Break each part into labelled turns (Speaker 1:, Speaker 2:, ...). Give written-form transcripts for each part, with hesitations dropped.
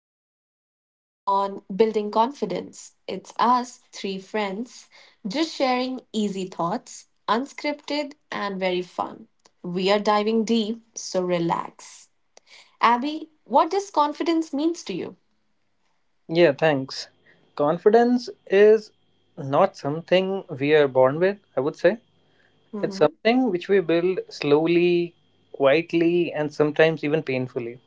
Speaker 1: podcast on building confidence. It's us, three friends, just sharing easy thoughts, unscripted and very fun. We are diving deep, so relax. Abby, what does confidence means to you?
Speaker 2: Yeah, thanks. Confidence is not something we are born with, I would say. It's something which we build slowly, quietly, and sometimes even painfully.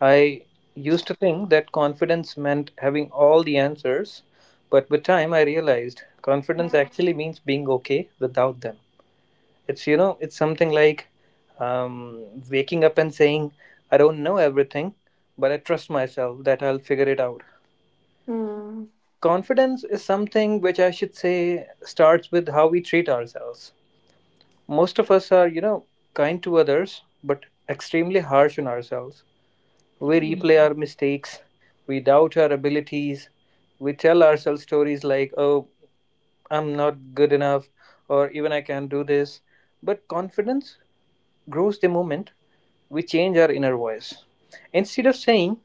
Speaker 2: I used to think that confidence meant having all the answers, but with time I realized confidence actually means being okay without them. It's something like um, waking up and saying, I don't know everything, but I trust myself that I'll figure it out.
Speaker 1: Mm-hmm.
Speaker 2: Confidence is something which I should say starts with how we treat ourselves. Most of us are, kind to others, but extremely harsh on ourselves. We replay our mistakes, we doubt our abilities, we tell ourselves stories like, oh, I'm not good enough, or even I can't do this. But confidence grows the moment we change our inner voice. Instead of saying,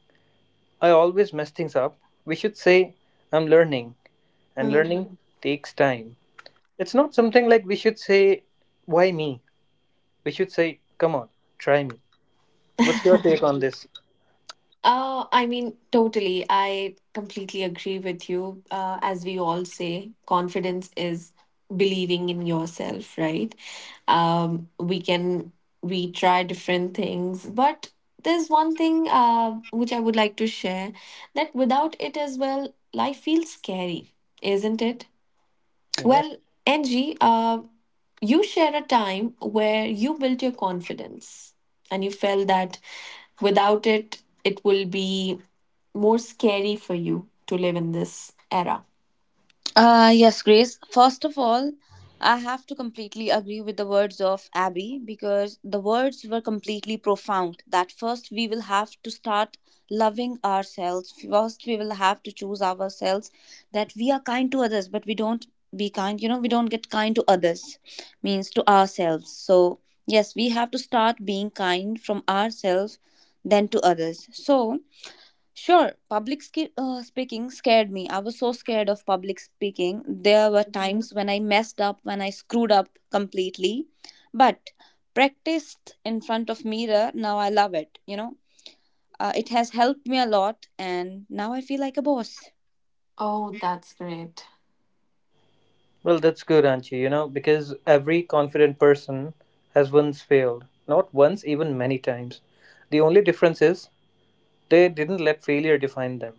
Speaker 2: I always mess things up, we should say, I'm learning, and learning
Speaker 1: Hmm.
Speaker 2: takes time. It's not something like we should say, why me? We should say, come on, try me. What's your take on this?
Speaker 1: I mean, totally. I completely agree with you. As we all say, confidence is believing in yourself, right? Um, we can we try different things, but there's one thing which I would like to share that without it as well, life feels scary, isn't it?
Speaker 2: Yeah.
Speaker 1: Well, Angie, you share a time where you built your confidence and you felt that without it, it will be more scary for you to live in this era.
Speaker 3: Yes, Grace. First of all, I have to completely agree with the words of Abby because the words were completely profound. That first we will have to start loving ourselves. First we will have to choose ourselves that we are kind to others, but we don't be kind. We don't get kind to others, means to ourselves. So, yes, we have to start being kind from ourselves, then to others. So, sure, speaking scared me. I was so scared of public speaking. There were
Speaker 1: Mhm.
Speaker 3: times when I messed up, when I screwed up completely. But practiced in front of mirror, now I love it. It has helped me a lot and now I feel like a boss.
Speaker 1: Oh, that's great.
Speaker 2: Well, that's good, Anchi, you know, because every confident person has once failed. Not once, even many times. The only difference is they didn't let failure define them.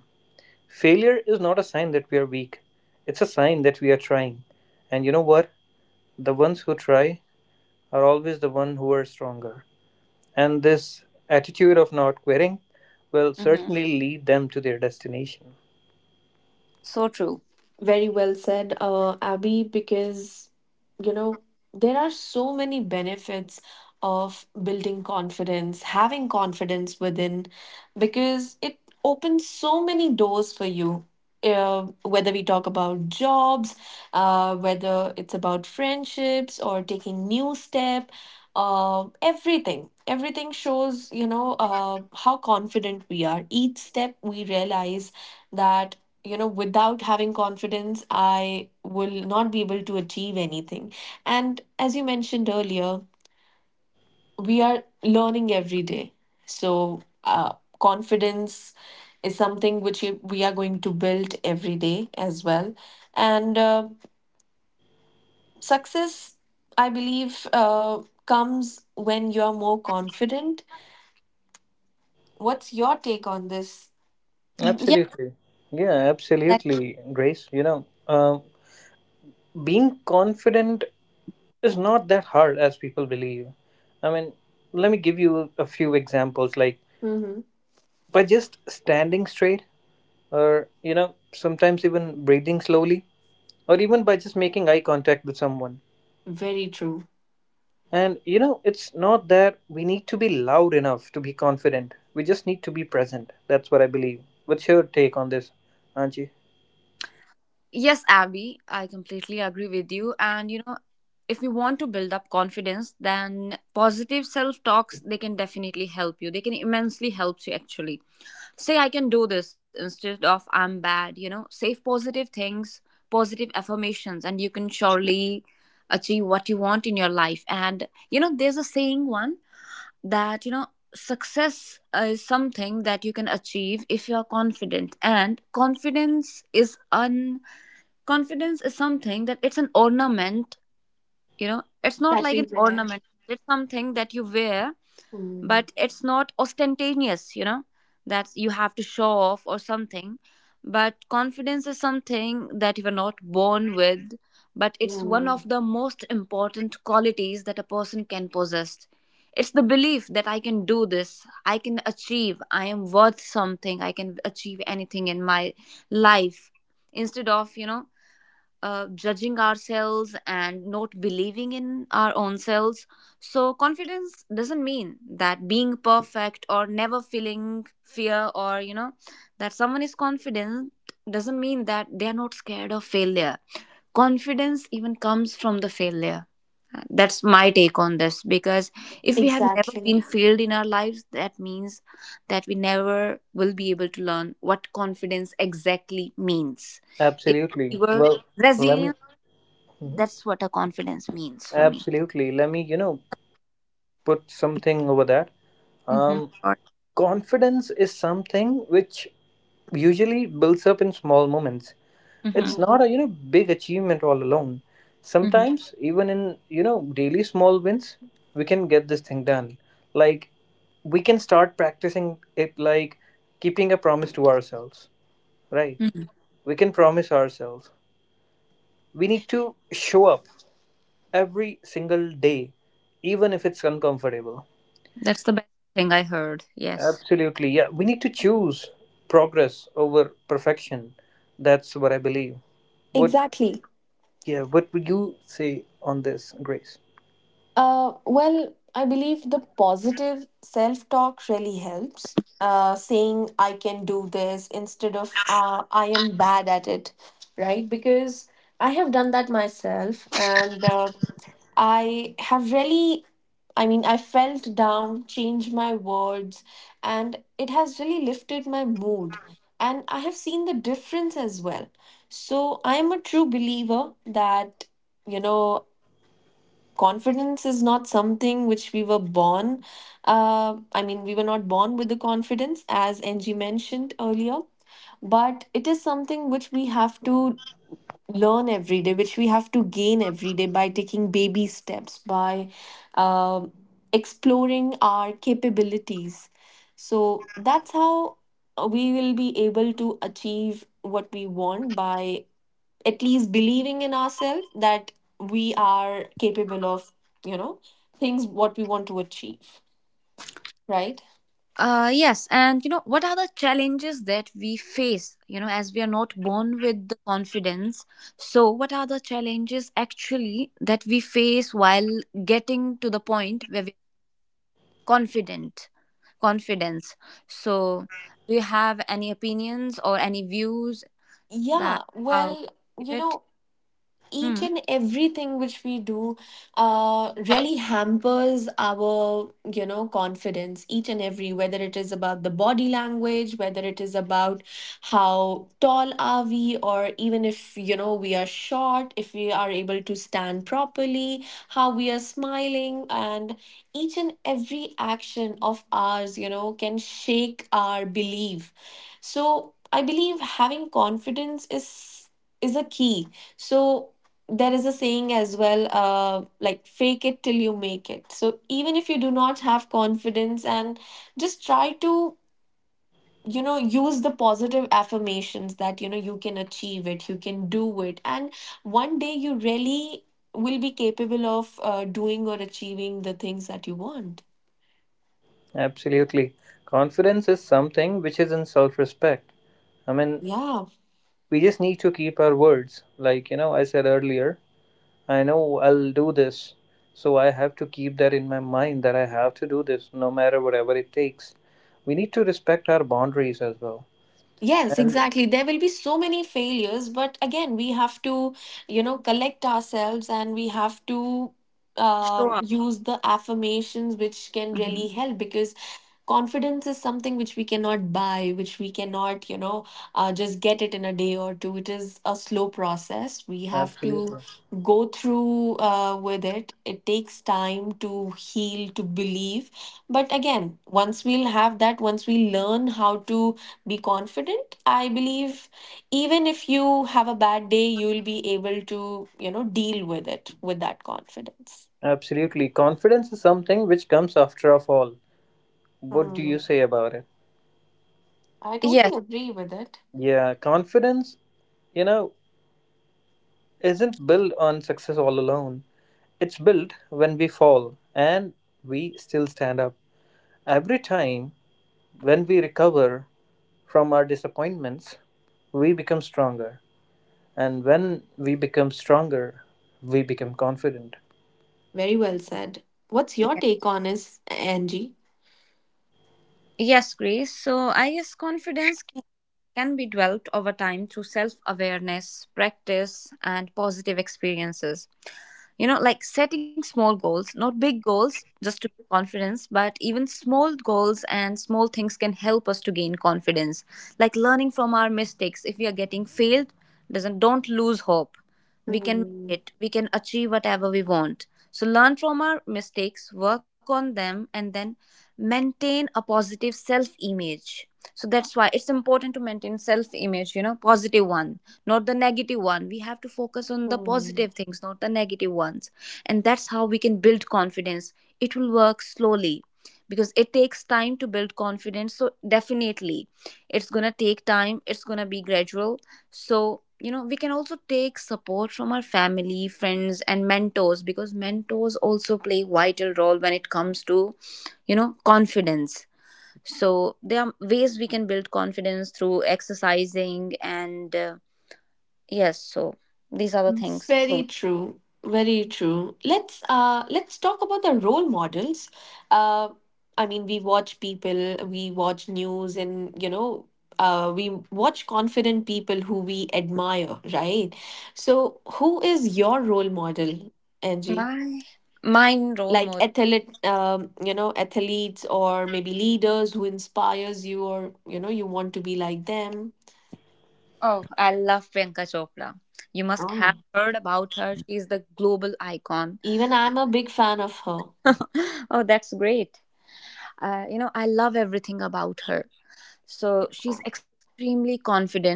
Speaker 2: Failure is not a sign that we are weak, it's a sign that we are trying. And you know what? The ones who try are always the one who are stronger. And this attitude of not quitting will
Speaker 3: Hmm.
Speaker 2: certainly lead them to their destination.
Speaker 3: So true.
Speaker 1: Very well said, Abby, because you know there are so many benefits of building confidence, having confidence within, because it opens so many doors for you. Whether we talk about jobs, whether it's about friendships or taking new step, everything shows how confident we are. Each step we realize that without having confidence I will not be able to achieve anything, and as you mentioned earlier, we are learning every day. So uh, confidence is something which we are going to build every day as well, and success, I believe, comes when you are more confident. What's your take on this?
Speaker 3: yeah,
Speaker 2: Absolutely. Yeah,
Speaker 3: that-
Speaker 2: absolutely, Grace. You know, being confident is not that hard as people believe. I mean, let me give you a few examples like
Speaker 1: Mm-hmm.
Speaker 2: by just standing straight, or, you know, sometimes even breathing slowly, or even by just making eye contact with someone.
Speaker 1: Very true.
Speaker 2: And you know, it's not that we need to be loud enough to be confident. We just need to be present. That's what I believe. What's your take on this, Anji?
Speaker 3: Yes, Abby, I completely agree with you. And you know, if you want to build up confidence, then positive self talks they can definitely help you. They can immensely help you actually. Say I can do this instead of I'm bad, you know, say positive things, positive affirmations, and you can surely achieve what you want in your life. And you know, there's a saying one, that you know, success is something that you can achieve if you are confident. And confidence is something that it's an ornament. You know, it's not
Speaker 1: That
Speaker 3: like
Speaker 1: we
Speaker 3: an
Speaker 1: were.
Speaker 3: ornament, it's something that you wear, but
Speaker 1: Mm,
Speaker 3: it's not ostentatious, you know, that you have to show off or something. But confidence is something that you are not born with, but it's one
Speaker 1: yeah.
Speaker 3: of the most important qualities that a person can possess. It's the belief that I can do this, I can achieve, I am worth something, I can achieve anything in my life, instead of, judging ourselves and not believing in our own selves. So, confidence doesn't mean that being perfect or never feeling fear, or you know, that someone is confident doesn't mean that they are not scared of failure. Confidence even comes from the failure. That's my take on this, because if we have never been
Speaker 1: Exactly.
Speaker 3: failed in our lives, that means that we never will be able to learn what confidence exactly means. If we
Speaker 2: Absolutely.
Speaker 3: were
Speaker 2: Well, let me.
Speaker 3: resilient,
Speaker 2: Mhm.
Speaker 3: that's what a confidence means for me.
Speaker 2: Absolutely. Let me, you know, put something over that.
Speaker 3: Mm-hmm.
Speaker 2: Um,
Speaker 3: Or,
Speaker 2: confidence is something which usually builds up in small moments.
Speaker 3: mm-hmm.
Speaker 2: It's not
Speaker 1: Mhm.
Speaker 2: a, you know, big achievement all alone.
Speaker 3: Mm-hmm.
Speaker 2: Sometimes even in, you know, daily small wins, we can get this thing done. Like, we can start practicing it like keeping a promise to ourselves,
Speaker 3: Mm-hmm.
Speaker 2: right? We can promise ourselves we need to show up every single day, even if it's uncomfortable.
Speaker 3: That's the best thing I heard. Yes.
Speaker 2: Absolutely, yeah. We need to choose progress over perfection. That's what I believe. what
Speaker 1: Exactly.
Speaker 2: yeah what would you say on this, Grace?
Speaker 1: Well, I believe the positive self talk really helps. Saying I can do this instead of I am bad at it, right? Because I have done that myself and I have really, I mean, I felt down, changed my words, and it has really lifted my mood. And I have seen the difference as well. So I am a true believer that, you know, confidence is not something which we were born, I mean, we were not born with the confidence as ng mentioned earlier, but it is something which we have to learn every day, which we have to gain every day by taking baby steps, by uh, exploring our capabilities. So that's how we will be able to achieve what we want by at least believing in ourselves that we are capable of, you know, things what we want to achieve, right?
Speaker 3: Yes, and you know, what are the challenges that we face? You know, as we are not born with the confidence, so what are the challenges actually that we face while getting to the point where we're confident? Confidence. So, do you have any opinions or any views that
Speaker 1: Yeah,
Speaker 3: how
Speaker 1: well,
Speaker 3: give
Speaker 1: you
Speaker 3: it?
Speaker 1: know, each
Speaker 3: Hmm.
Speaker 1: and everything which we do really hampers our confidence, each and every, whether it is about the body language, whether it is about how tall are we, or even if we are short, if we are able to stand properly, how we are smiling, and each and every action of ours can shake our belief. So I believe having confidence is a key. So there is a saying as well, like fake it till you make it. So even if you do not have confidence, and just try to use the positive affirmations that you know you can achieve it, you can do it, and one day you really will be capable of doing or achieving the things that you want.
Speaker 2: Absolutely. Confidence is something which is in self respect. I mean,
Speaker 1: Yeah.
Speaker 2: we just need to keep our words. Like, you know, I said earlier, I know I'll do this. So I have to keep that in my mind that I have to do this no matter whatever it takes. We need to respect our boundaries as well.
Speaker 1: Yes,
Speaker 2: And
Speaker 1: exactly. There will be so many failures, but again, we have to, collect ourselves, and we have to
Speaker 3: Sure.
Speaker 1: use the affirmations which can really
Speaker 3: Mhm.
Speaker 1: help, because confidence is something which we cannot buy, which we cannot, just get it in a day or two. It is a slow process. We have to
Speaker 2: absolutely.
Speaker 1: go through with it. It takes time to heal, to believe. But again, once we'll have that, once we learn how to be confident, I believe even if you have a bad day, you'll be able to deal with it with that confidence.
Speaker 2: Absolutely. Confidence is something which comes after of all. What do you
Speaker 1: Hmm.
Speaker 2: say about it?
Speaker 1: I
Speaker 3: Yes.
Speaker 1: totally agree with it.
Speaker 2: Yeah, confidence, you know, isn't built on success all alone. It's built when we fall, and we still stand up. Every time when we recover from our disappointments, we become stronger. And when we become stronger, we become confident.
Speaker 1: Very well said. What's your take on is, Angie?
Speaker 3: Yes, Grace. So I guess can be developed over time through self awareness, practice, and positive experiences. You know, like setting small goals, not big goals, just to gain confidence, but even small goals and small things can help us to gain confidence. Like learning from our mistakes. If we are getting failed, doesn't don't lose hope, we can make
Speaker 1: Hmm.
Speaker 3: it, we can achieve whatever we want. So learn from our mistakes, work on them, and then maintain a positive self image. So that's why it's important to maintain self image, you know, positive one, not the negative one. We have to focus on the
Speaker 1: Hmm.
Speaker 3: positive things, not the negative ones. And that's how we can build confidence. It will work slowly because it takes time to build confidence. So definitely it's going to take time, it's going to be gradual. So, you know, we can also take support from our family, friends, and mentors, because mentors also play vital role when it comes to, you know, confidence. So there are ways we can build confidence through exercising, and yes, so these are the things. So
Speaker 1: Very true. Very true. Let's talk about the role models. Uh I mean, we watch people, we watch news, and we watch confident people who we admire, right? So who is your role model, Angie?
Speaker 3: my mine role
Speaker 1: Like
Speaker 3: model.
Speaker 1: athlete athletes or maybe leaders who inspires you, or you want to be like them.
Speaker 3: Oh, I love Priyanka Chopra. You must have
Speaker 1: Oh.
Speaker 3: heard about her. She's the global icon.
Speaker 1: Even I'm a big fan of her.
Speaker 3: oh, that's great. You know, I love everything about her. So she's extremely confident.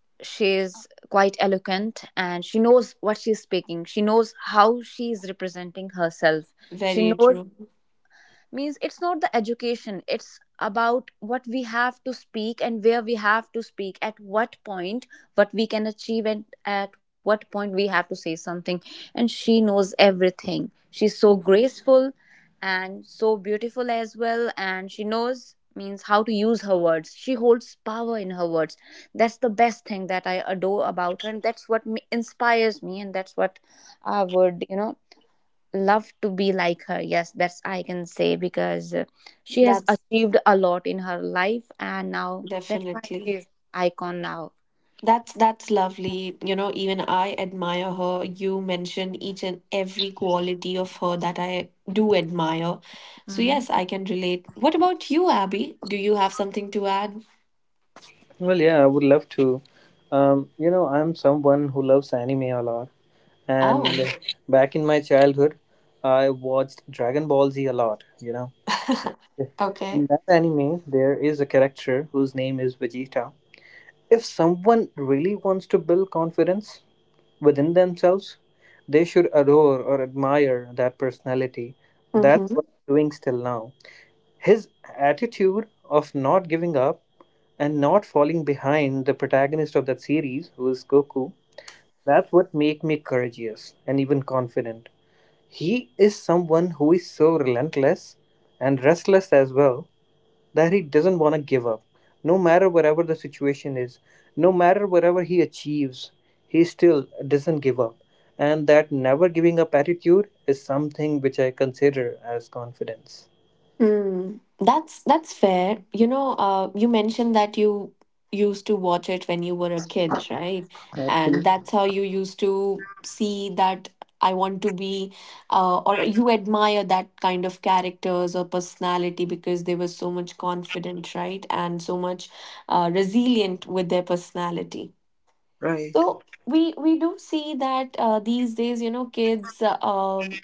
Speaker 3: She's quite eloquent and she knows what she's speaking. She knows how she's representing herself. She
Speaker 1: Very
Speaker 3: knows,
Speaker 1: true.
Speaker 3: means it's not the education, it's about what we have to speak and where we have to speak, at what point what we can achieve and at what point we have to say something. And she knows everything, she's so graceful and so beautiful as well, and she knows, means how to use her words, she holds power in her words. That's the best thing that I adore about her, and that's what inspires me, and that's what I would, you know, love to be like her. Yes, that's I can say, because she has
Speaker 1: That's
Speaker 3: achieved a lot in her life and now that's why she
Speaker 1: definitely.
Speaker 3: is icon now.
Speaker 1: That's lovely. You know, even I admire her. You mentioned each and every quality of her that I do admire. So yes, I can relate. What about you, Abby? Do you have something to add?
Speaker 2: Well, yeah, I would love to. You know, I'm someone who loves anime a lot. And
Speaker 1: Oh,
Speaker 2: back in my childhood, I watched Dragon Ball Z a lot, you know. In
Speaker 1: okay.
Speaker 2: that anime, there is a character whose name is Vegeta. If someone really wants to build confidence within themselves, they should adore or admire that personality. That's
Speaker 1: Mhm.
Speaker 2: what I'm doing still now. His attitude of not giving up and not falling behind the protagonist of that series, who is Goku, that's what make me courageous and even confident. He is someone who is so relentless and restless as well that he doesn't want to give up. No matter whatever the situation is, no matter whatever he achieves, he still doesn't give up. And that never giving up attitude is something which I consider as confidence.
Speaker 1: Hmm. That's fair. You mentioned that you used to watch it when you were a kid, right? And
Speaker 2: Absolutely
Speaker 1: that's how you used to see that I want to be, or you admire that kind of characters or personality because they were so much confident, right? And so much resilient with their personality.
Speaker 2: right.
Speaker 1: So we do see that these days, kids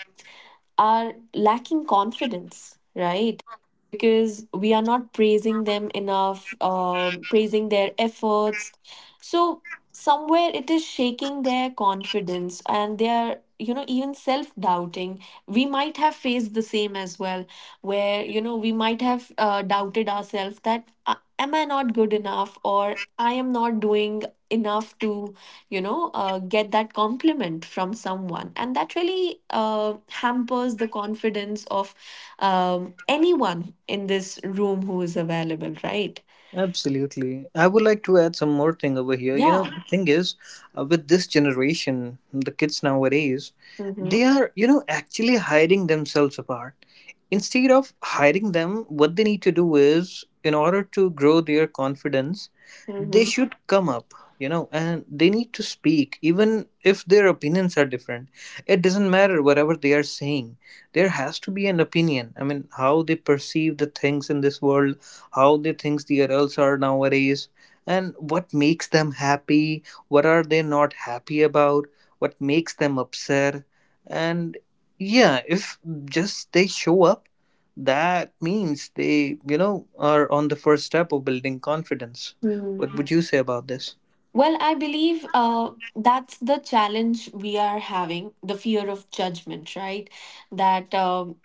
Speaker 1: are lacking confidence, right? Because we are not praising them enough, praising their efforts. So somewhere it is shaking their confidence, and they are even self doubting. We might have faced the same as well, where we might have doubted ourselves, that am I not good enough, or I am not doing enough to get that compliment from someone. And that really hampers the confidence of anyone in this room who is available, right?
Speaker 2: Absolutely. I would like to add some more thing over here. You know,
Speaker 1: Yeah.
Speaker 2: the thing is, with this generation, the kids nowadays,
Speaker 1: Mm-hmm.
Speaker 2: they are, you know, actually hiding themselves apart. Instead of hiding them, what they need to do is, in order to grow their confidence, they should come up, you know, and they need to speak, even if their opinions are different. It doesn't matter whatever they are saying. There has to be an opinion. I mean, how they perceive the things in this world, how they thinks the adults are nowadays, and what makes them happy, what are they not happy about, what makes them upset. And yeah, if just they show up, that means they, you know, are on the first step of building confidence. What
Speaker 1: Mm-hmm.
Speaker 2: would you say about this?
Speaker 1: Well, I believe that's the challenge we are having, the fear of judgment, right? That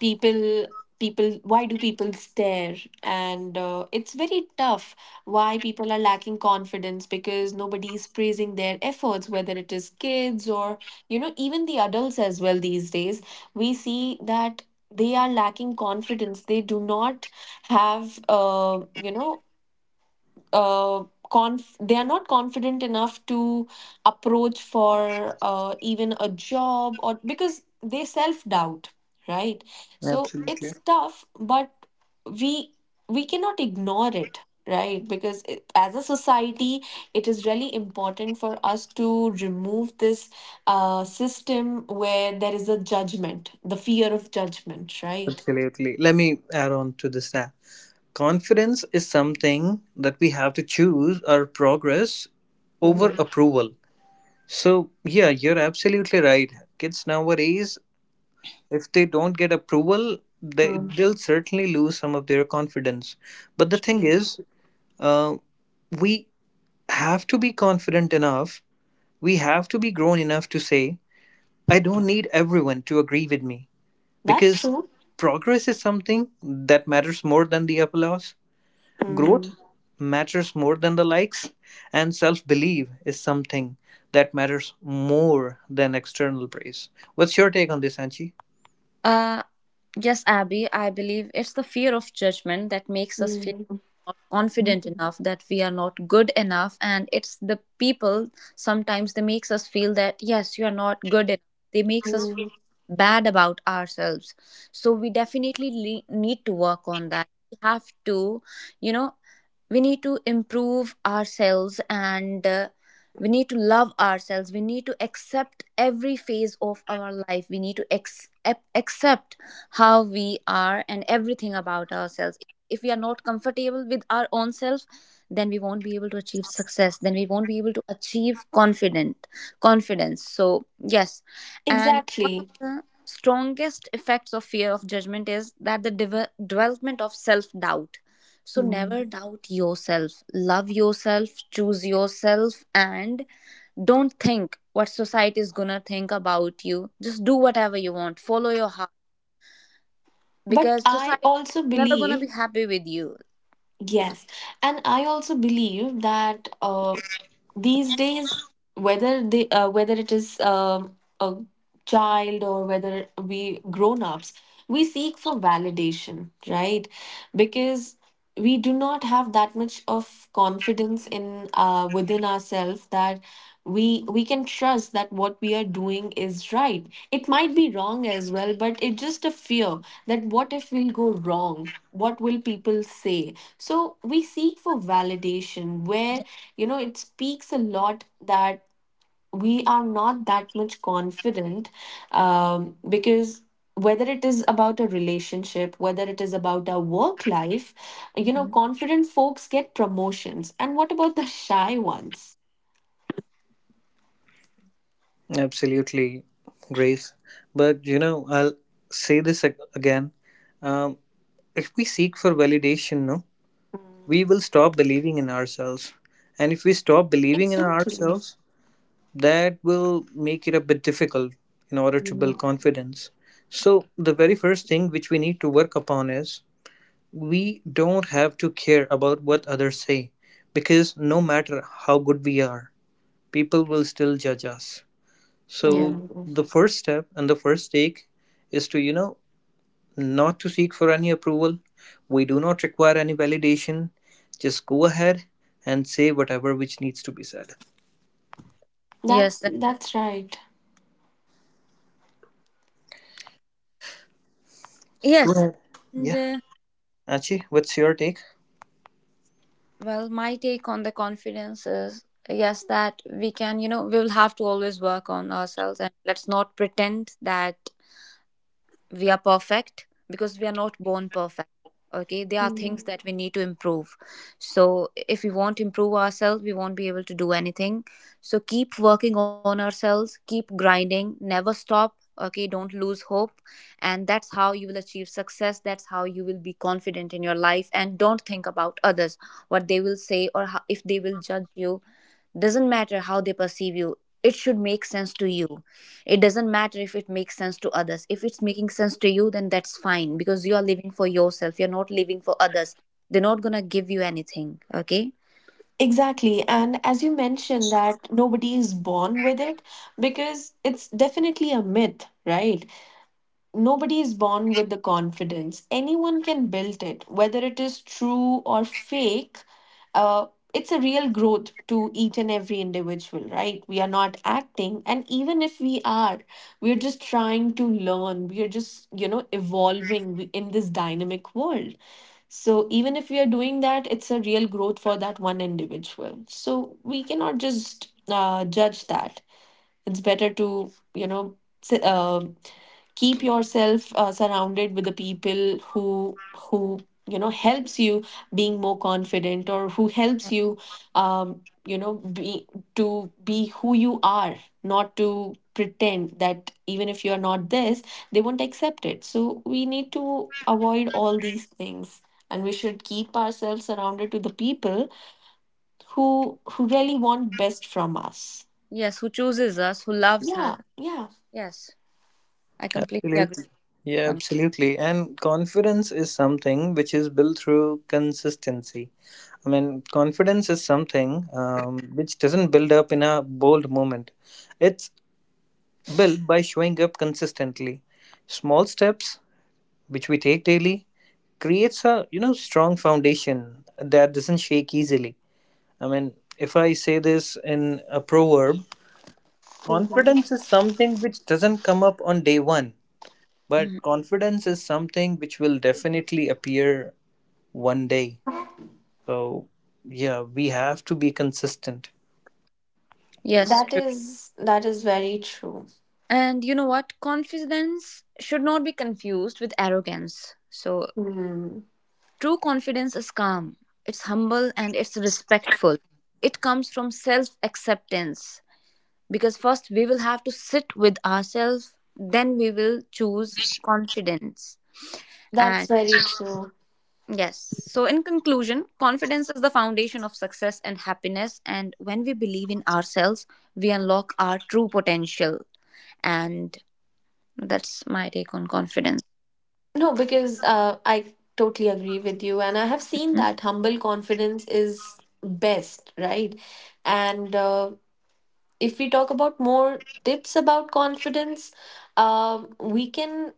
Speaker 1: people people, why do people stare, and it's very tough. Why people are lacking confidence, because nobody is praising their efforts, whether it is kids or even the adults as well. These days we see that they are lacking confidence. They do not have uh, they are not confident enough to approach for even a job, or because they self doubt, right? So
Speaker 2: Absolutely.
Speaker 1: it's tough, but we we cannot ignore it, right? Because it, as a society, it is really important for us to remove this system where there is a judgment, the fear of judgment, right?
Speaker 2: Absolutely. Let me add on to this that confidence is something that we have to choose our progress over
Speaker 1: Mhm.
Speaker 2: approval. So, yeah, you're absolutely right. Kids nowadays, if they don't get approval, they'll certainly lose some of their confidence. But the thing
Speaker 1: Mm.
Speaker 2: is, uh, we have to be confident enough, we have to be grown enough to say, I don't need everyone to agree with me
Speaker 1: That's
Speaker 2: because
Speaker 1: true.
Speaker 2: progress is something that matters more than the applause. Growth
Speaker 1: Hmm.
Speaker 2: matters more than the likes, and self belief is something that matters more than external praise. What's your take on this, Anchi?
Speaker 3: Uh, yes, Abby, I believe it's the fear of judgment that makes us feel not confident enough, that we are not good enough. And it's the people, sometimes they makes us feel that, yes, you're not good enough. They makes us feel
Speaker 1: Mm.
Speaker 3: bad about ourselves. So we definitely need to work on that. We have to, you know, we need to improve ourselves, and we need to love ourselves, we need to accept every phase of our life, we need to accept how we are and everything about ourselves. If we are not comfortable with our own self, then we won't be able to achieve success, then we won't be able to achieve confident confidence. So yes. And one of
Speaker 1: Exactly.
Speaker 3: the strongest effects of fear of judgment is that the development of self doubt. So
Speaker 1: Mm.
Speaker 3: never doubt yourself. Love yourself, choose yourself, and don't think what society is gonna think about you. Just do whatever you want. Follow your heart,
Speaker 1: But
Speaker 3: because
Speaker 1: I
Speaker 3: society
Speaker 1: also
Speaker 3: is never gonna be
Speaker 1: believe,
Speaker 3: happy with you.
Speaker 1: yes, and I also believe that these days, whether it is a child, or whether we grown-ups, we seek for validation, right? Because we do not have that much of confidence in within ourselves that we can trust that what we are doing is right. It might be wrong as well, but it's just a fear that what if we'll go wrong, what will people say. So we seek for validation, where it speaks a lot that we are not that much confident, because whether it is about a relationship, whether it is about our work life,
Speaker 3: Hmm.
Speaker 1: confident folks get promotions, and what about the shy ones?
Speaker 2: Absolutely, Grace. But you know, I'll say this again. Um, if we seek for validation, no, we will stop believing in ourselves. And if we stop believing in
Speaker 1: Exactly.
Speaker 2: ourselves, that will make it a bit difficult in order to build
Speaker 1: Mm.
Speaker 2: confidence. So, the very first thing which we need to work upon is, we don't have to care about what others say because no matter how good we are, people will still judge us.
Speaker 3: Yes.
Speaker 2: So
Speaker 1: Mm.
Speaker 2: the first step and the first take is to, you know, not to seek for any approval. We do not require any validation. Just go ahead and say whatever which needs to be said.
Speaker 3: Yes.
Speaker 1: That's that's right.
Speaker 2: Go
Speaker 3: Yes.
Speaker 2: ahead.
Speaker 3: And
Speaker 2: Yeah. Achi, what's your take?
Speaker 3: well, my take on the confidence is yes that we can. You know, we will have to always work on ourselves, and let's not pretend that we are perfect, because we are not born perfect. Okay, there are things
Speaker 1: Mm.
Speaker 3: that we need to improve. So if we won't improve ourselves, we won't be able to do anything. So keep working on ourselves, keep grinding, never stop. Okay, don't lose hope, and that's how you will achieve success, that's how you will be confident in your life. And don't think about others, what they will say, or how, if they will judge you. Doesn't matter how they perceive you, it should make sense to you. It doesn't matter if it makes sense to others, if it's making sense to you, then that's fine, because you are living for yourself, you're not living for others. They're not going to give you anything, okay.
Speaker 1: Exactly. And as you mentioned that nobody is born with it, because it's definitely a myth, right? Nobody is born with the confidence. Anyone can build it, whether it is true or fake. Uh, it's a real growth to each and every individual, right? We are not acting, and even if we are, we're just trying to learn. We are just, evolving in this dynamic world. So even if we are doing that, it's a real growth for that one individual. So we cannot just judge that. It's better to, s- um keep yourself surrounded with the people who helps you being more confident, or who helps
Speaker 3: Yeah.
Speaker 1: you um you know be to be who you are, not to pretend that even if you are not this, they won't accept it. So we need to avoid all these things, and we should keep ourselves surrounded to the people who really want best from us.
Speaker 3: Yes, who chooses us, who loves us.
Speaker 1: Yeah.
Speaker 3: Yes, I completely agree
Speaker 2: Absolutely. Yeah,
Speaker 3: on.
Speaker 2: absolutely. And confidence is something which is built through consistency. I mean, confidence is something, which doesn't build up in a bold moment. It's built by showing up consistently. Small steps, which we take daily, creates a, you know, strong foundation that doesn't shake easily. I mean, if I say this in a proverb,
Speaker 1: Yeah.
Speaker 2: confidence is something which doesn't come up on day one, but
Speaker 3: Mhm.
Speaker 2: confidence is something which will definitely appear one day. So yeah, we have to be consistent.
Speaker 3: Yes,
Speaker 1: That
Speaker 3: true.
Speaker 1: is that is very true.
Speaker 3: And you know what, confidence should not be confused with arrogance. So
Speaker 1: Hmm.
Speaker 3: true confidence is calm, it's humble, and it's respectful. It comes from self acceptance, because first we will have to sit with ourselves, then we will choose confidence.
Speaker 1: That's
Speaker 3: And
Speaker 1: very true.
Speaker 3: yes, so in conclusion, confidence is the foundation of success and happiness. And when we believe in ourselves, we unlock our true potential. And that's my take on confidence.
Speaker 1: No, because I totally agree with you, and I have seen
Speaker 3: Mhm.
Speaker 1: that humble confidence is best, right? And if we talk about more tips about confidence, um, we can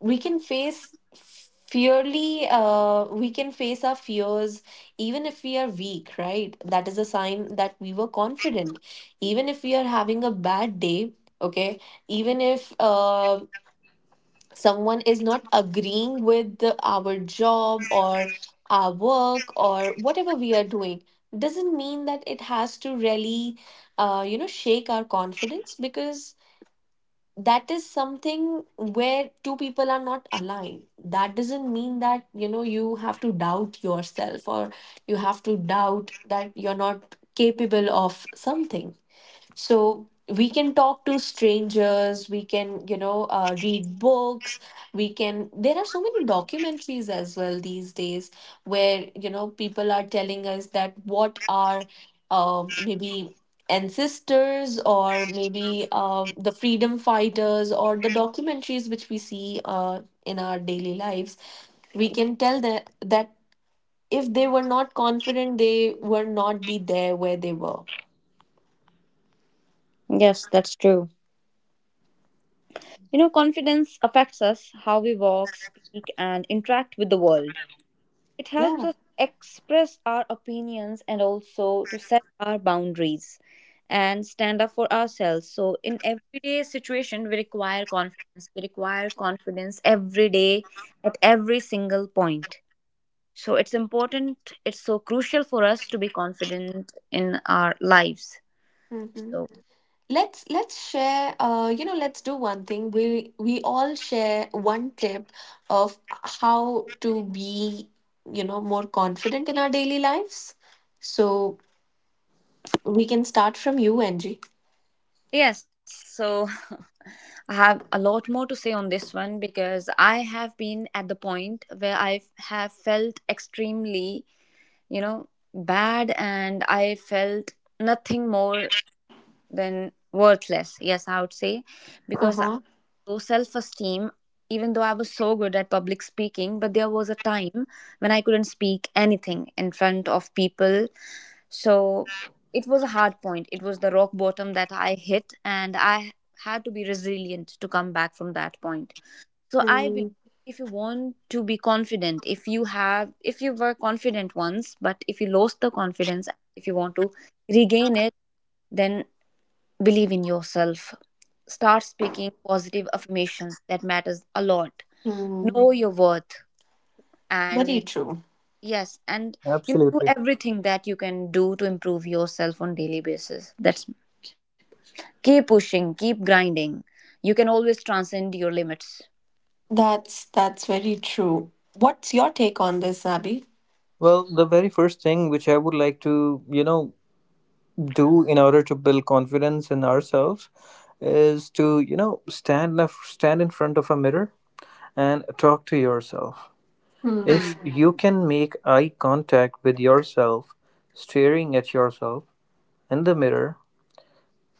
Speaker 1: we can face fearly we can face our fears even if we are weak, right? That is a sign that we were confident, even if we are having a bad day, okay, even if someone is not agreeing with our job or our work or whatever we are doing, doesn't mean that it has to really shake our confidence, because that is something where two people are not aligned. That doesn't mean that you have to doubt yourself, or you have to doubt that you're not capable of something. So we can talk to strangers, we can read books, we can there are so many documentaries as well these days, where people are telling us that what are maybe ancestors, or maybe the freedom fighters, or the documentaries which we see in our daily lives. We can tell that if they were not confident, they were not be there where they were.
Speaker 3: Yes, that's true. You know, confidence affects us, how we walk, speak, and interact with the world. It helps
Speaker 1: Yeah.
Speaker 3: us express our opinions and also to set our boundaries and stand up for ourselves. So, in everyday situation, we require confidence. We require confidence every day at every single point. So, it's important, it's so crucial for us to be confident in our lives.
Speaker 1: Hmm.
Speaker 3: So,
Speaker 1: Let's let's share uh you know let's do one thing: we all share one tip of how to be more confident in our daily lives. So we can start from you, Angie.
Speaker 3: yes, so I have a lot more to say on this one, because I have been at the point where I have felt extremely, you know, bad, and I felt nothing more than worthless. Yes, I would say, because
Speaker 1: Uh-huh.
Speaker 3: low self esteem, even though I was so good at public speaking. But there was a time when I couldn't speak anything in front of people. So it was a hard point. It was the rock bottom that I hit, and I had to be resilient to come back from that point. So I believe
Speaker 1: Hmm.
Speaker 3: if you want to be confident, if you have, if you were confident once, but if you lost the confidence, if you want to regain it, then believe in yourself, start speaking positive affirmations, that matters a lot.
Speaker 1: Hmm.
Speaker 3: Know your worth,
Speaker 1: Very
Speaker 3: and
Speaker 1: true.
Speaker 3: yes, and you know, do
Speaker 2: Absolutely.
Speaker 3: everything that you can do to improve yourself on daily basis. That's keep pushing, keep grinding, you can always transcend your limits.
Speaker 1: That's very true. What's your take on this, Abby?
Speaker 2: Well, the very first thing which I would like to, you know, do in order to build confidence in ourselves is to, you know, stand in front of a mirror and talk to yourself. If
Speaker 1: Hmm.
Speaker 2: you can make eye contact with yourself, staring at yourself in the mirror,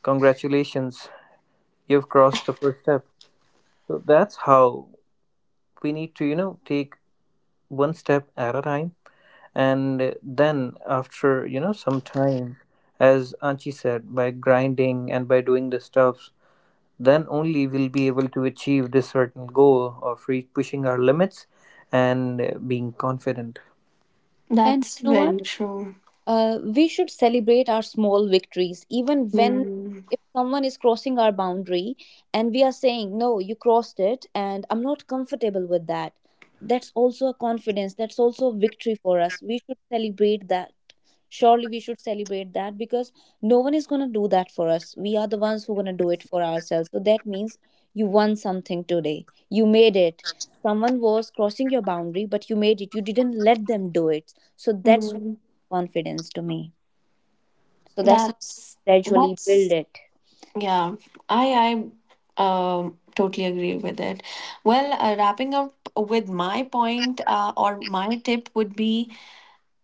Speaker 2: congratulations, you've crossed the first step. So that's how we need to, you know, take one step at a time, and then after, you know, some time, as Anchi said, by grinding and by doing the stuffs, then only we'll be able to achieve this certain goal of pushing our limits and being confident.
Speaker 3: And
Speaker 1: That's
Speaker 3: you know what,
Speaker 1: very true.
Speaker 3: We should celebrate our small victories, even when
Speaker 1: Hmm.
Speaker 3: if someone is crossing our boundary and we are saying, "No, you crossed it, and I'm not comfortable with that." That's also a confidence, that's also a victory for us. We should celebrate that, surely we should celebrate that, because no one is going to do that for us, we are the ones who are going to do it for ourselves. So that means you won something today, you made it. Someone was crossing your boundary, but you made it, you didn't let them do it. So that's what
Speaker 1: Hmm.
Speaker 3: confidence to me. So that's how
Speaker 1: that's
Speaker 3: you gradually build
Speaker 1: that's.
Speaker 3: it.
Speaker 1: Yeah, I I totally agree with it. Well, wrapping up with my point, or my tip would be,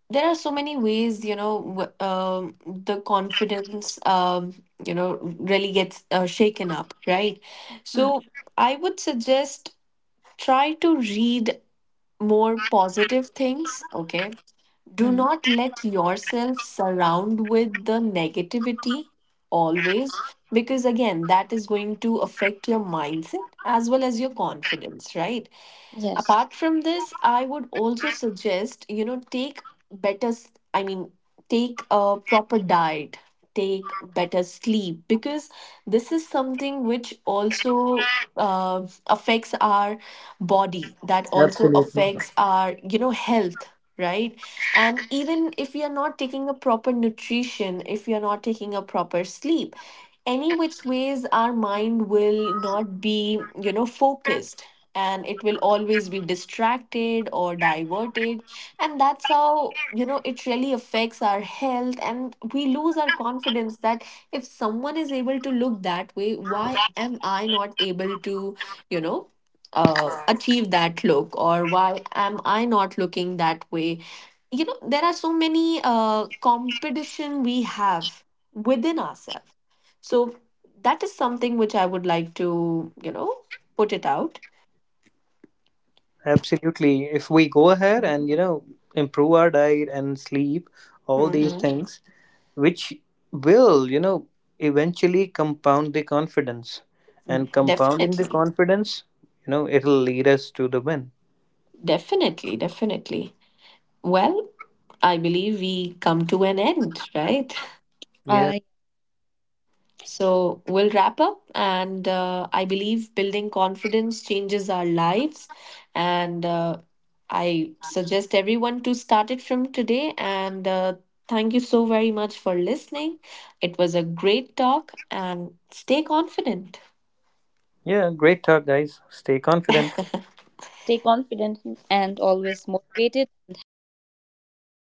Speaker 1: there are so many ways, the confidence, really gets shaken up, right? So
Speaker 3: Mm,
Speaker 1: I would suggest, try to read more positive things. Okay, do
Speaker 3: mm.
Speaker 1: not let yourself surround with the negativity always, because again, that is going to affect your mindset as well as your confidence, right?
Speaker 3: Yes.
Speaker 1: Apart from this, I would also suggest, take better I mean, take a proper diet, take better sleep, because this is something which also uh, affects our body, that also
Speaker 2: Absolutely.
Speaker 1: affects our health, right? And even if we are not taking a proper nutrition, if we are not taking a proper sleep, any which ways, our mind will not be focused, and it will always be distracted or diverted. And that's how, it really affects our health, and we lose our confidence, that if someone is able to look that way, why am I not able to you know achieve that look, or why am I not looking that way. There are so many competition we have within ourselves. So that is something which I would like to put it out.
Speaker 2: Absolutely. If we go ahead and, you know, improve our diet and sleep, all these
Speaker 1: Mm-hmm.
Speaker 2: things which will, you know, eventually compound the confidence, and compounding the
Speaker 1: Definitely.
Speaker 2: confidence, you know, it'll lead us to the win.
Speaker 1: Definitely. Definitely. Well, I believe we come to an end, right?
Speaker 2: Yeah.
Speaker 3: I
Speaker 1: So we'll wrap up. And I believe building confidence changes our lives. And I suggest everyone to start it from today. And thank you so very much for listening. It was a great talk. And stay confident.
Speaker 2: Yeah. Great talk, guys. Stay confident.
Speaker 3: stay confident and always motivated and happy.